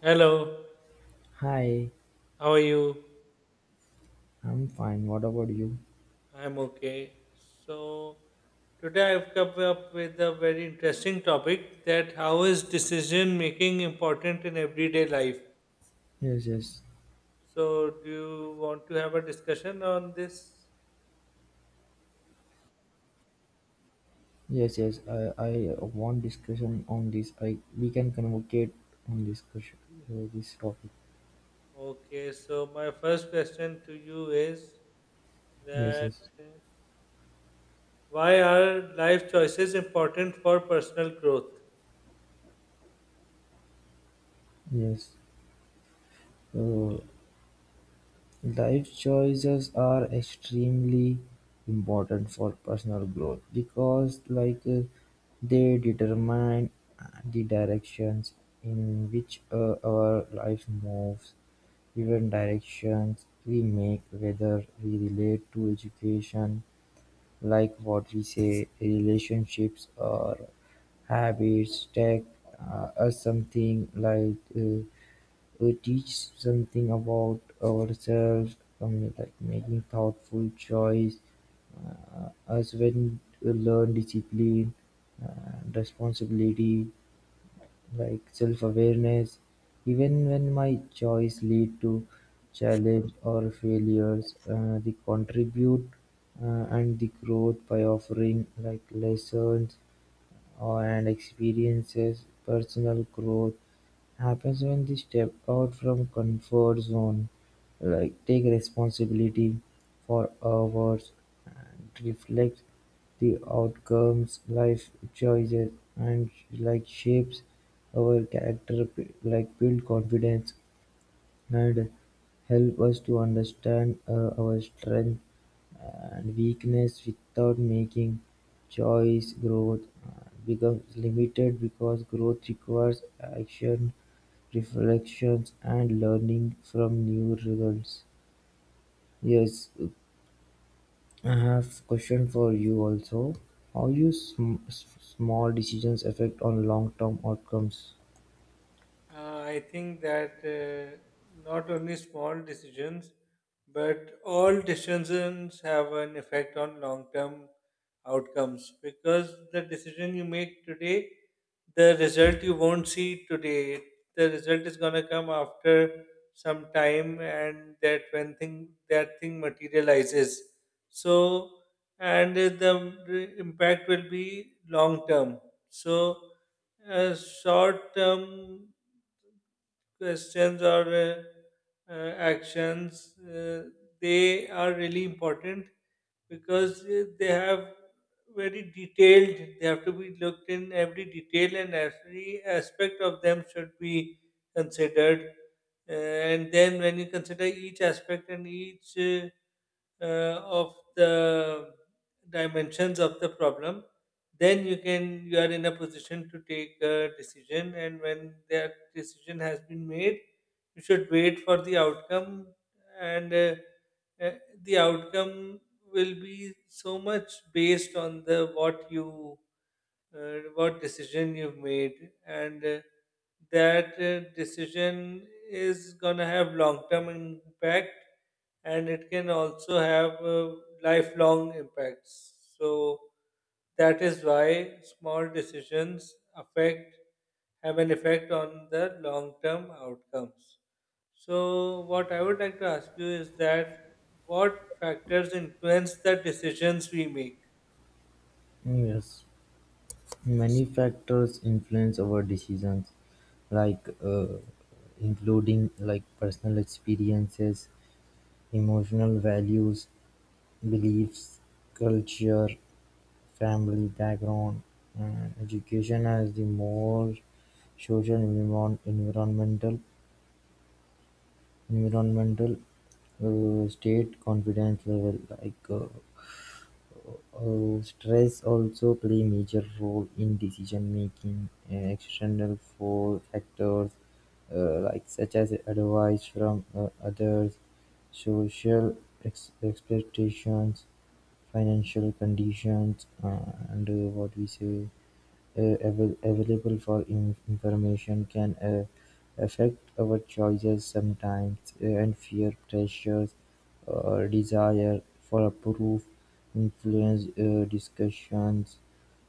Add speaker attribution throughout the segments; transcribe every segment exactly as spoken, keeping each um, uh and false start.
Speaker 1: Hello,
Speaker 2: Hi,
Speaker 1: how are you?
Speaker 2: I'm fine. What about you?
Speaker 1: I'm okay. So, today I've come up with a very interesting topic: that how is decision making important in everyday life?
Speaker 2: Yes, yes,
Speaker 1: So, do you want to have a discussion on this?
Speaker 2: yes, yes. I, I want discussion on this. I we can convocate on this question, uh, this topic.
Speaker 1: Okay, so my first question to you is
Speaker 2: Yes,
Speaker 1: that
Speaker 2: yes,
Speaker 1: uh, why are life choices important for personal growth?
Speaker 2: yes. Uh, Diet choices are extremely important for personal growth because like uh, they determine uh, the directions in which uh, our life moves, even directions we make, whether we relate to education, like what we say, relationships or habits take uh, us something like uh, we teach something about ourselves, um, like making thoughtful choices, as when we learn discipline, and responsibility, like self-awareness. Even when my choice lead to challenge or failures, uh, they contribute uh, and the growth by offering like lessons and experiences. Personal growth happens when they step out from comfort zone, like take responsibility for hours and reflect the outcomes. Life choices and like shapes our character, like build confidence, had help us to understand uh, our strengths and weakness without making choice. Growth uh, becomes limited because growth requires action, reflections, and learning from new results. Yes, I have question for you also. How you sm- s- small decisions affect on long-term outcomes?
Speaker 1: Uh, I think that uh, not only small decisions, but all decisions have an effect on long term outcomes because the decision you make today, the result you won't see today. The result is going to come after some time, and that when thing that thing materializes. So, and uh, the impact will be long term. So, uh, short term questions or uh, uh, actions, uh, they are really important because uh, they have very detailed, they have to be looked in every detail and every aspect of them should be considered. Uh, and then when you consider each aspect and each uh, uh, of the dimensions of the problem then you can you are in a position to take a decision and when that decision has been made you should wait for the outcome and uh, uh, the outcome will be so much based on the what you uh, what decision you've made, and uh, that uh, decision is going to have long term impact, and it can also have uh, lifelong impacts. So that is why small decisions affect have an effect on the long term outcomes. So, what I would like to ask you is that what factors influence the decisions we make?
Speaker 2: Yes. Many factors influence our decisions, like uh, including like personal experiences, emotional values, beliefs, culture, family background, and education as the more social environ- environmental environmental uh, state confidence level like uh, Uh, stress also play major role in decision making. Uh, External for factors uh, like such as advice from uh, others, social ex- expectations, financial conditions, uh, and uh, what we say uh, avail- available for in- information can uh, affect our choices sometimes, uh, and fear, pressures, or desire for approval influence uh, discussions.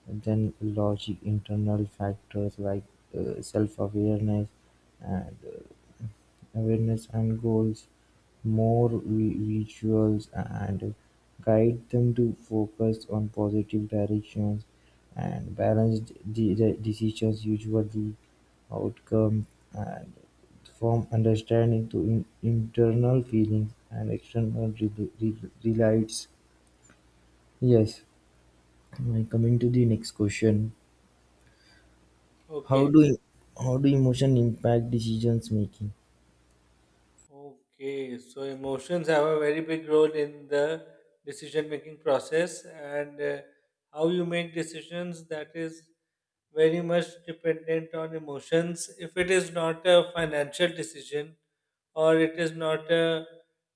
Speaker 2: Then logic, internal factors like uh, self-awareness and uh, awareness and goals, more vi- visuals, and guide them to focus on positive directions and balanced de- de- decisions, usually outcome and from understanding to in- internal feelings and external re- re- relates. Yes. Now, coming to the next question, how
Speaker 1: Okay,
Speaker 2: do how do emotion impact decisions making?
Speaker 1: okay. So, emotions have a very big role in the decision making process, and uh, how you make decisions that is very much dependent on emotions. If it is not a financial decision or it is not a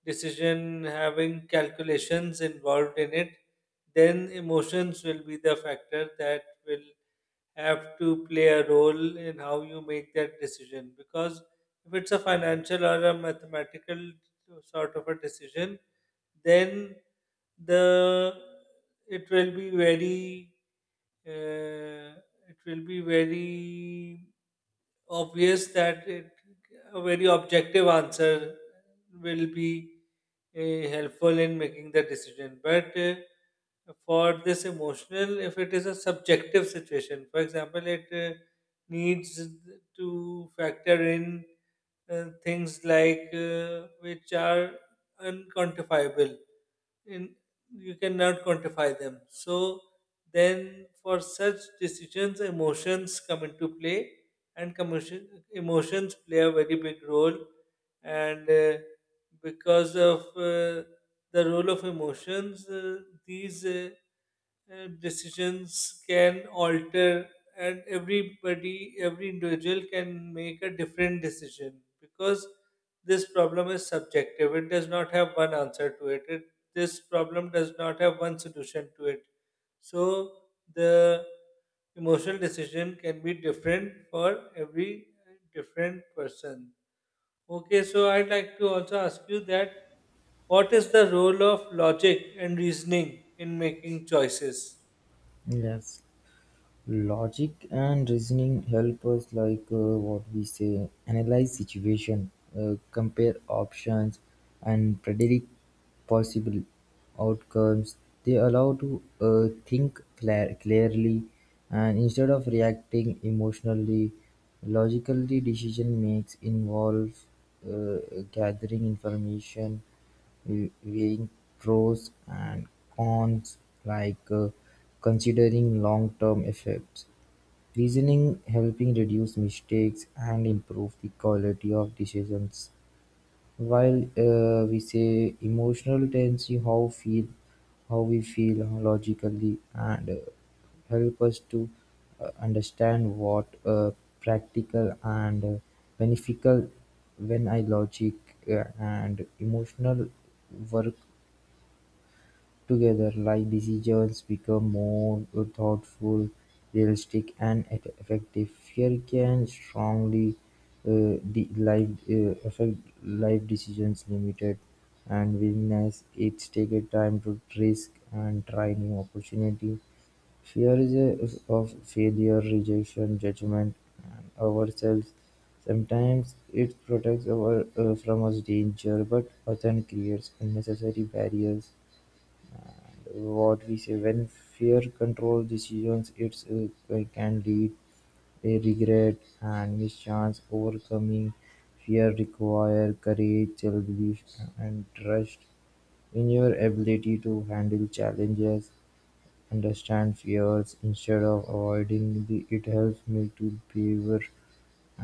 Speaker 1: decision having calculations involved in it, then emotions will be the factor that will have to play a role in how you make that decision, because if it's a financial or a mathematical sort of a decision, then the it will be very uh, it will be very obvious that it, a very objective answer will be eh, helpful in making the decision. But uh, for this emotional, if it is a subjective situation, for example, it uh, needs to factor in uh, things like uh, which are unquantifiable. In You cannot quantify them. So then, for such decisions, emotions come into play, and commotion, emotions play a very big role. And uh, because of uh, the role of emotions, uh, these uh, uh, decisions can alter, and everybody, every individual can make a different decision because this problem is subjective. It does not have one answer to it. It this problem does not have one solution to it. So the emotional decision can be different for every different person. Okay, so I'd like to also ask you that what is the role of logic and reasoning in making choices?
Speaker 2: Yes. Logic and reasoning help us, like uh, what we say, analyze situation, uh, compare options, and predict possible outcomes. They allow to uh, think cla- clearly, and instead of reacting emotionally, logically decision makes involve uh, gathering information, weighing pros and cons, like uh, considering long-term effects. Reasoning helping reduce mistakes and improve the quality of decisions. While uh, we say emotional tendency, how feel, how we feel logically and uh, help us to uh, understand what uh, practical and uh, beneficial when I logic uh, and emotional work together, life decisions become more thoughtful, realistic, and e- effective. Fear can strongly uh, de- life, uh, affect life decisions, limited and willingness. It's taken time to risk and try new opportunity. Fear is a, of failure, rejection, judgment, and ourselves. Sometimes it protects our, uh, from us danger, but often creates unnecessary barriers. What we say, when fear controls decisions, it's it can lead a regret and mischance. Overcoming fear require courage, self-belief, and trust in your ability to handle challenges. Understand fears instead of avoiding the, it helps me to beaver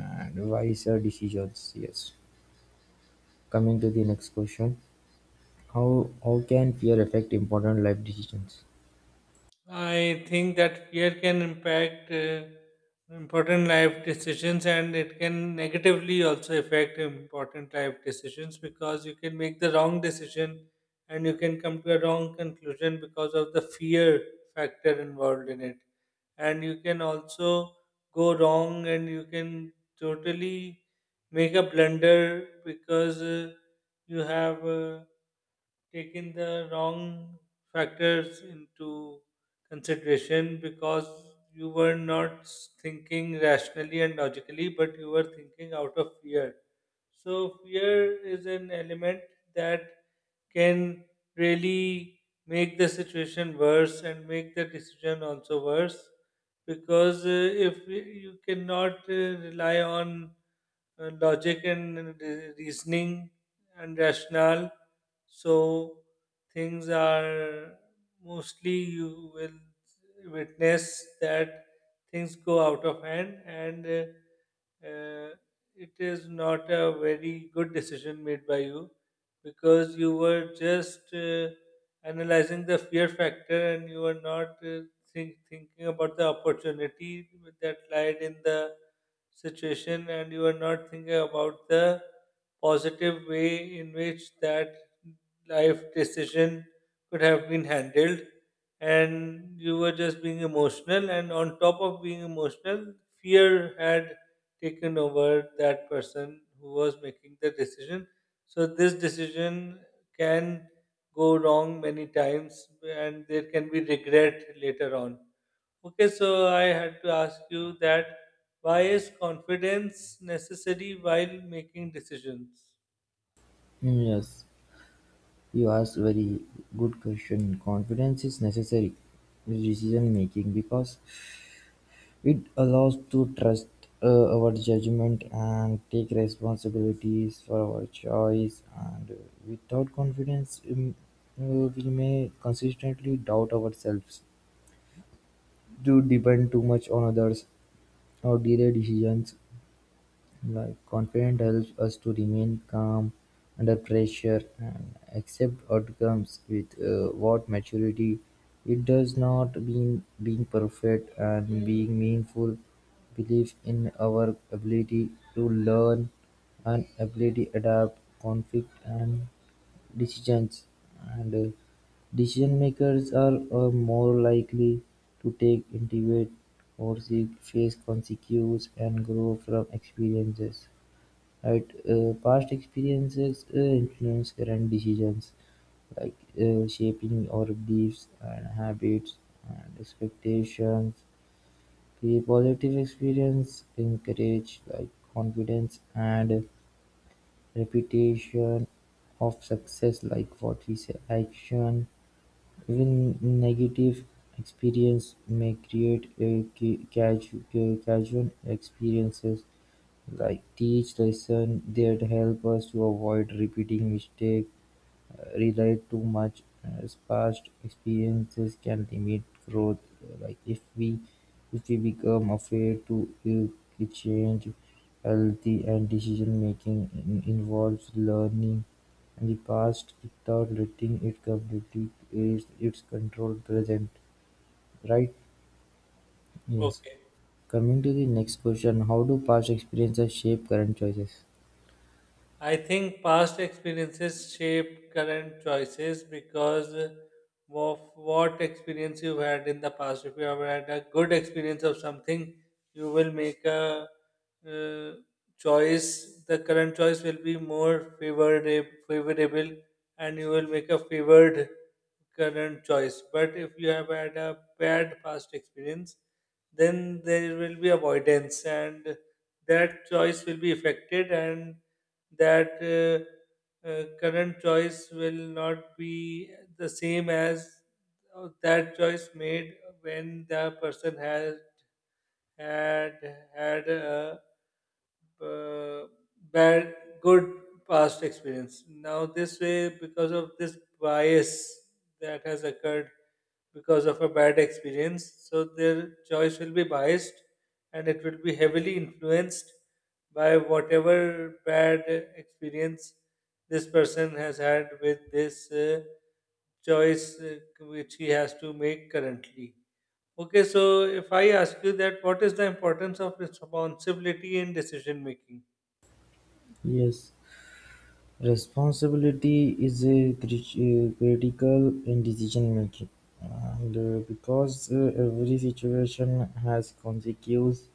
Speaker 2: and wiser decisions. Yes, coming to the next question. How how can fear affect important life decisions?
Speaker 1: I think that fear can impact uh, important life decisions, and it can negatively also affect important life decisions, because you can make the wrong decision and you can come to a wrong conclusion because of the fear factor involved in it. And you can also go wrong and you can totally make a blunder because uh, you have. Uh, taken the wrong factors into consideration because you were not thinking rationally and logically, but you were thinking out of fear. So, fear is an element that can really make the situation worse and make the decision also worse, because uh, if y- you cannot uh, rely on uh, logic and uh, re- reasoning and rationale, so things are mostly you will witness that things go out of hand, and uh, uh, it is not a very good decision made by you because you were just uh, analyzing the fear factor and you were not uh, think, thinking about the opportunity that lied in the situation, and you were not thinking about the positive way in which that life decision could have been handled, and you were just being emotional, and on top of being emotional, fear had taken over that person who was making the decision. So this decision can go wrong many times and there can be regret later on. Okay, so I had to ask you that why is confidence necessary while making decisions?
Speaker 2: Mm, yes, you asked very good question. Confidence is necessary in decision making because it allows to trust uh, our judgment and take responsibilities for our choice. And uh, without confidence, um, uh, we may consistently doubt ourselves, to depend too much on others, or delay decisions. Like confidence helps us to remain calm under pressure and accept outcomes with uh, what maturity. It does not mean being perfect and being meaningful. Belief in our ability to learn and ability adapt conflict and decisions, and decision-makers are uh, more likely to take intuitive or seek face consequences and grow from experiences. Right, uh, past experiences uh, influence current decisions, like uh, shaping our beliefs and habits and expectations. The positive experience encourage like confidence and reputation of success, like what we say, action. Even negative experience may create a ca- casu- ca- casual experiences, like teach lesson that help us to avoid repeating mistake. Relied too much, uh, past experiences can limit growth. Like if we if we become afraid to uh, change, healthy and decision making in- involves learning and the past without letting it completely is its control present. Right? Yes.
Speaker 1: Okay.
Speaker 2: Coming to the next question, how do past experiences shape current choices?
Speaker 1: I think past experiences shape current choices because of what experience you've had in the past. If you have had a good experience of something, you will make a uh, choice. The current choice will be more favorable, favorable, and you will make a favored current choice. But if you have had a bad past experience, then there will be avoidance, and that choice will be affected, and that uh, uh, current choice will not be the same as uh, that choice made when the person has had had a uh, bad good past experience. Now this way, because of this bias that has occurred because of a bad experience, so their choice will be biased, and it will be heavily influenced by whatever bad experience this person has had with this uh, choice uh, which he has to make currently. Okay, so if I ask you that, what is the importance of responsibility in decision making?
Speaker 2: Yes. Responsibility is a crit- uh, critical in decision-making, and uh, because uh, every situation has consequences,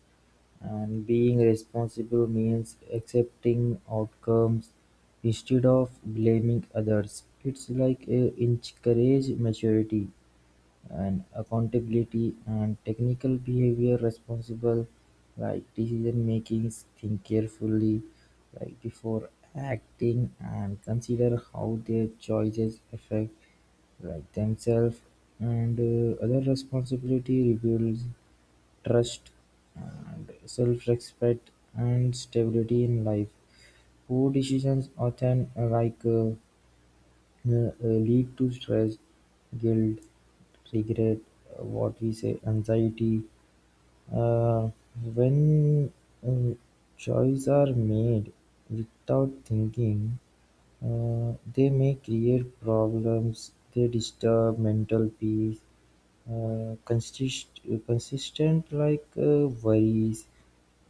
Speaker 2: and being responsible means accepting outcomes instead of blaming others. It's like a encourage maturity and accountability and technical behavior responsible, like decision makings think carefully, like before acting and consider how their choices affect like themselves and uh, other. Responsibility rebuilds trust and self-respect and stability in life. Poor decisions often uh, like uh, uh, uh, lead to stress, guilt, regret, uh, what we say, anxiety. Uh, when uh, choices are made without thinking, uh, they may create problems. They disturb mental peace. Uh, consist- consistent like uh, worries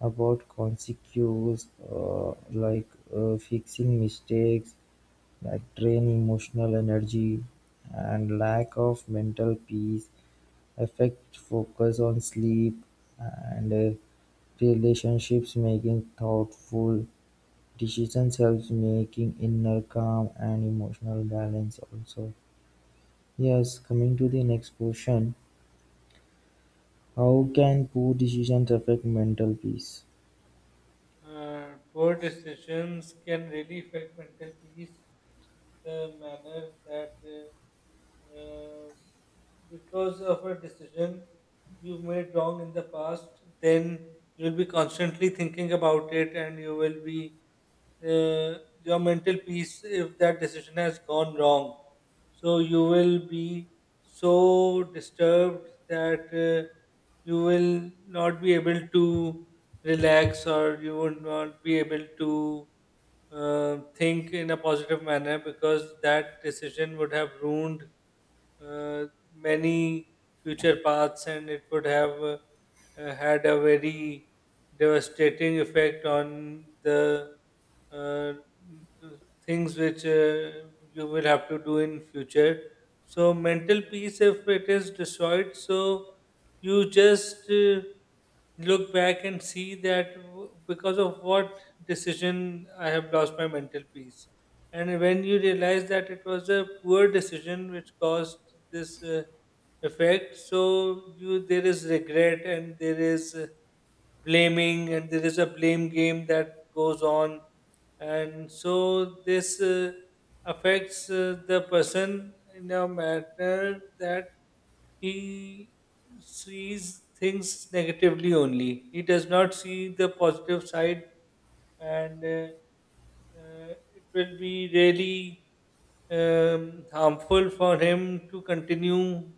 Speaker 2: about consequences, uh, like uh, fixing mistakes that drain emotional energy, and lack of mental peace affect focus on sleep and uh, relationships. Making thoughtful decisions helps making inner calm and emotional balance also. Yes, coming to the next question. How can poor decisions affect mental peace?
Speaker 1: Uh, poor decisions can really affect mental peace in the manner that uh, uh, because of a decision you made wrong in the past, then you'll be constantly thinking about it, and you will be uh, your mental peace if that decision has gone wrong. So you will be so disturbed that uh, you will not be able to relax, or you would not be able to uh, think in a positive manner, because that decision would have ruined uh, many future paths, and it would have uh, uh, had a very devastating effect on the uh, things which uh, you will have to do in future. So mental peace, if it is destroyed, so you just uh, look back and see that w- because of what decision I have lost my mental peace. And when you realize that it was a poor decision which caused this uh, effect, so you there is regret and there is uh, blaming, and there is a blame game that goes on, and so this. Uh, affects uh, the person in a manner that he sees things negatively only. He does not see the positive side, and uh, uh, it will be really um, harmful for him to continue,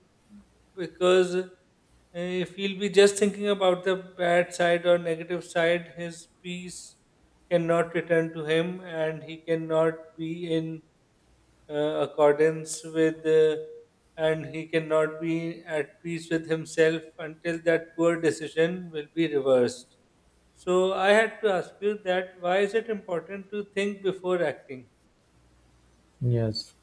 Speaker 1: because uh, if he'll be just thinking about the bad side or negative side, his peace cannot return to him, and he cannot be in uh, accordance with uh, and he cannot be at peace with himself until that poor decision will be reversed. So I had to ask you that why is it important to think before acting?
Speaker 2: Yes.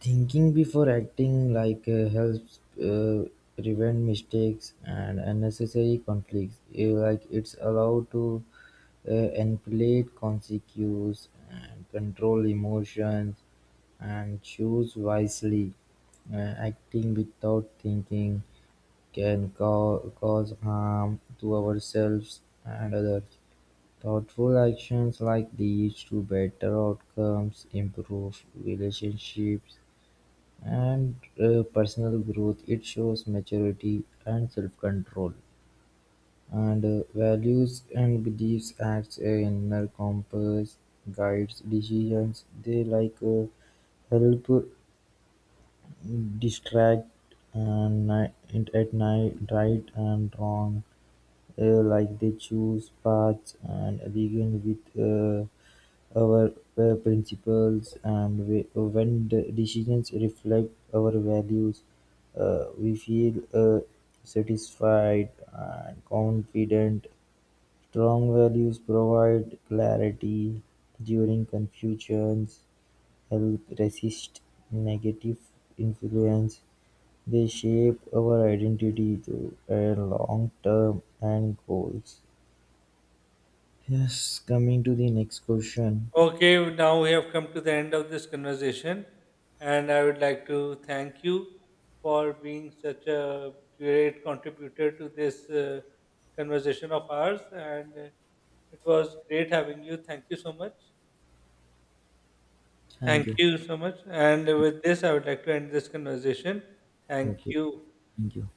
Speaker 2: Thinking before acting like uh, helps uh, prevent mistakes and unnecessary conflicts. Uh, like it's allowed to uh, manipulate consequences and control emotions and choose wisely. Uh, Acting without thinking can ca- cause harm to ourselves and others. Thoughtful actions like these to better outcomes, improve relationships, and uh, personal growth. It shows maturity and self-control, and uh, values and beliefs acts a inner compass guides decisions. They like uh, help distract and ni- and at night right and wrong, uh, like they choose paths and begin with uh, our uh, principles, and we, when the decisions reflect our values, uh, we feel uh, satisfied and confident. Strong values provide clarity during confusions, help resist negative influence. They shape our identity to a long term and goals. Yes, coming to the next question.
Speaker 1: Okay, now we have come to the end of this conversation, and I would like to thank you for being such a great contributor to this uh, conversation of ours, and uh, it was great having you. Thank you so much. Thank
Speaker 2: Thank you.
Speaker 1: you so much. And with this, I would like to end this conversation. Thank
Speaker 2: Okay,
Speaker 1: you.
Speaker 2: thank you.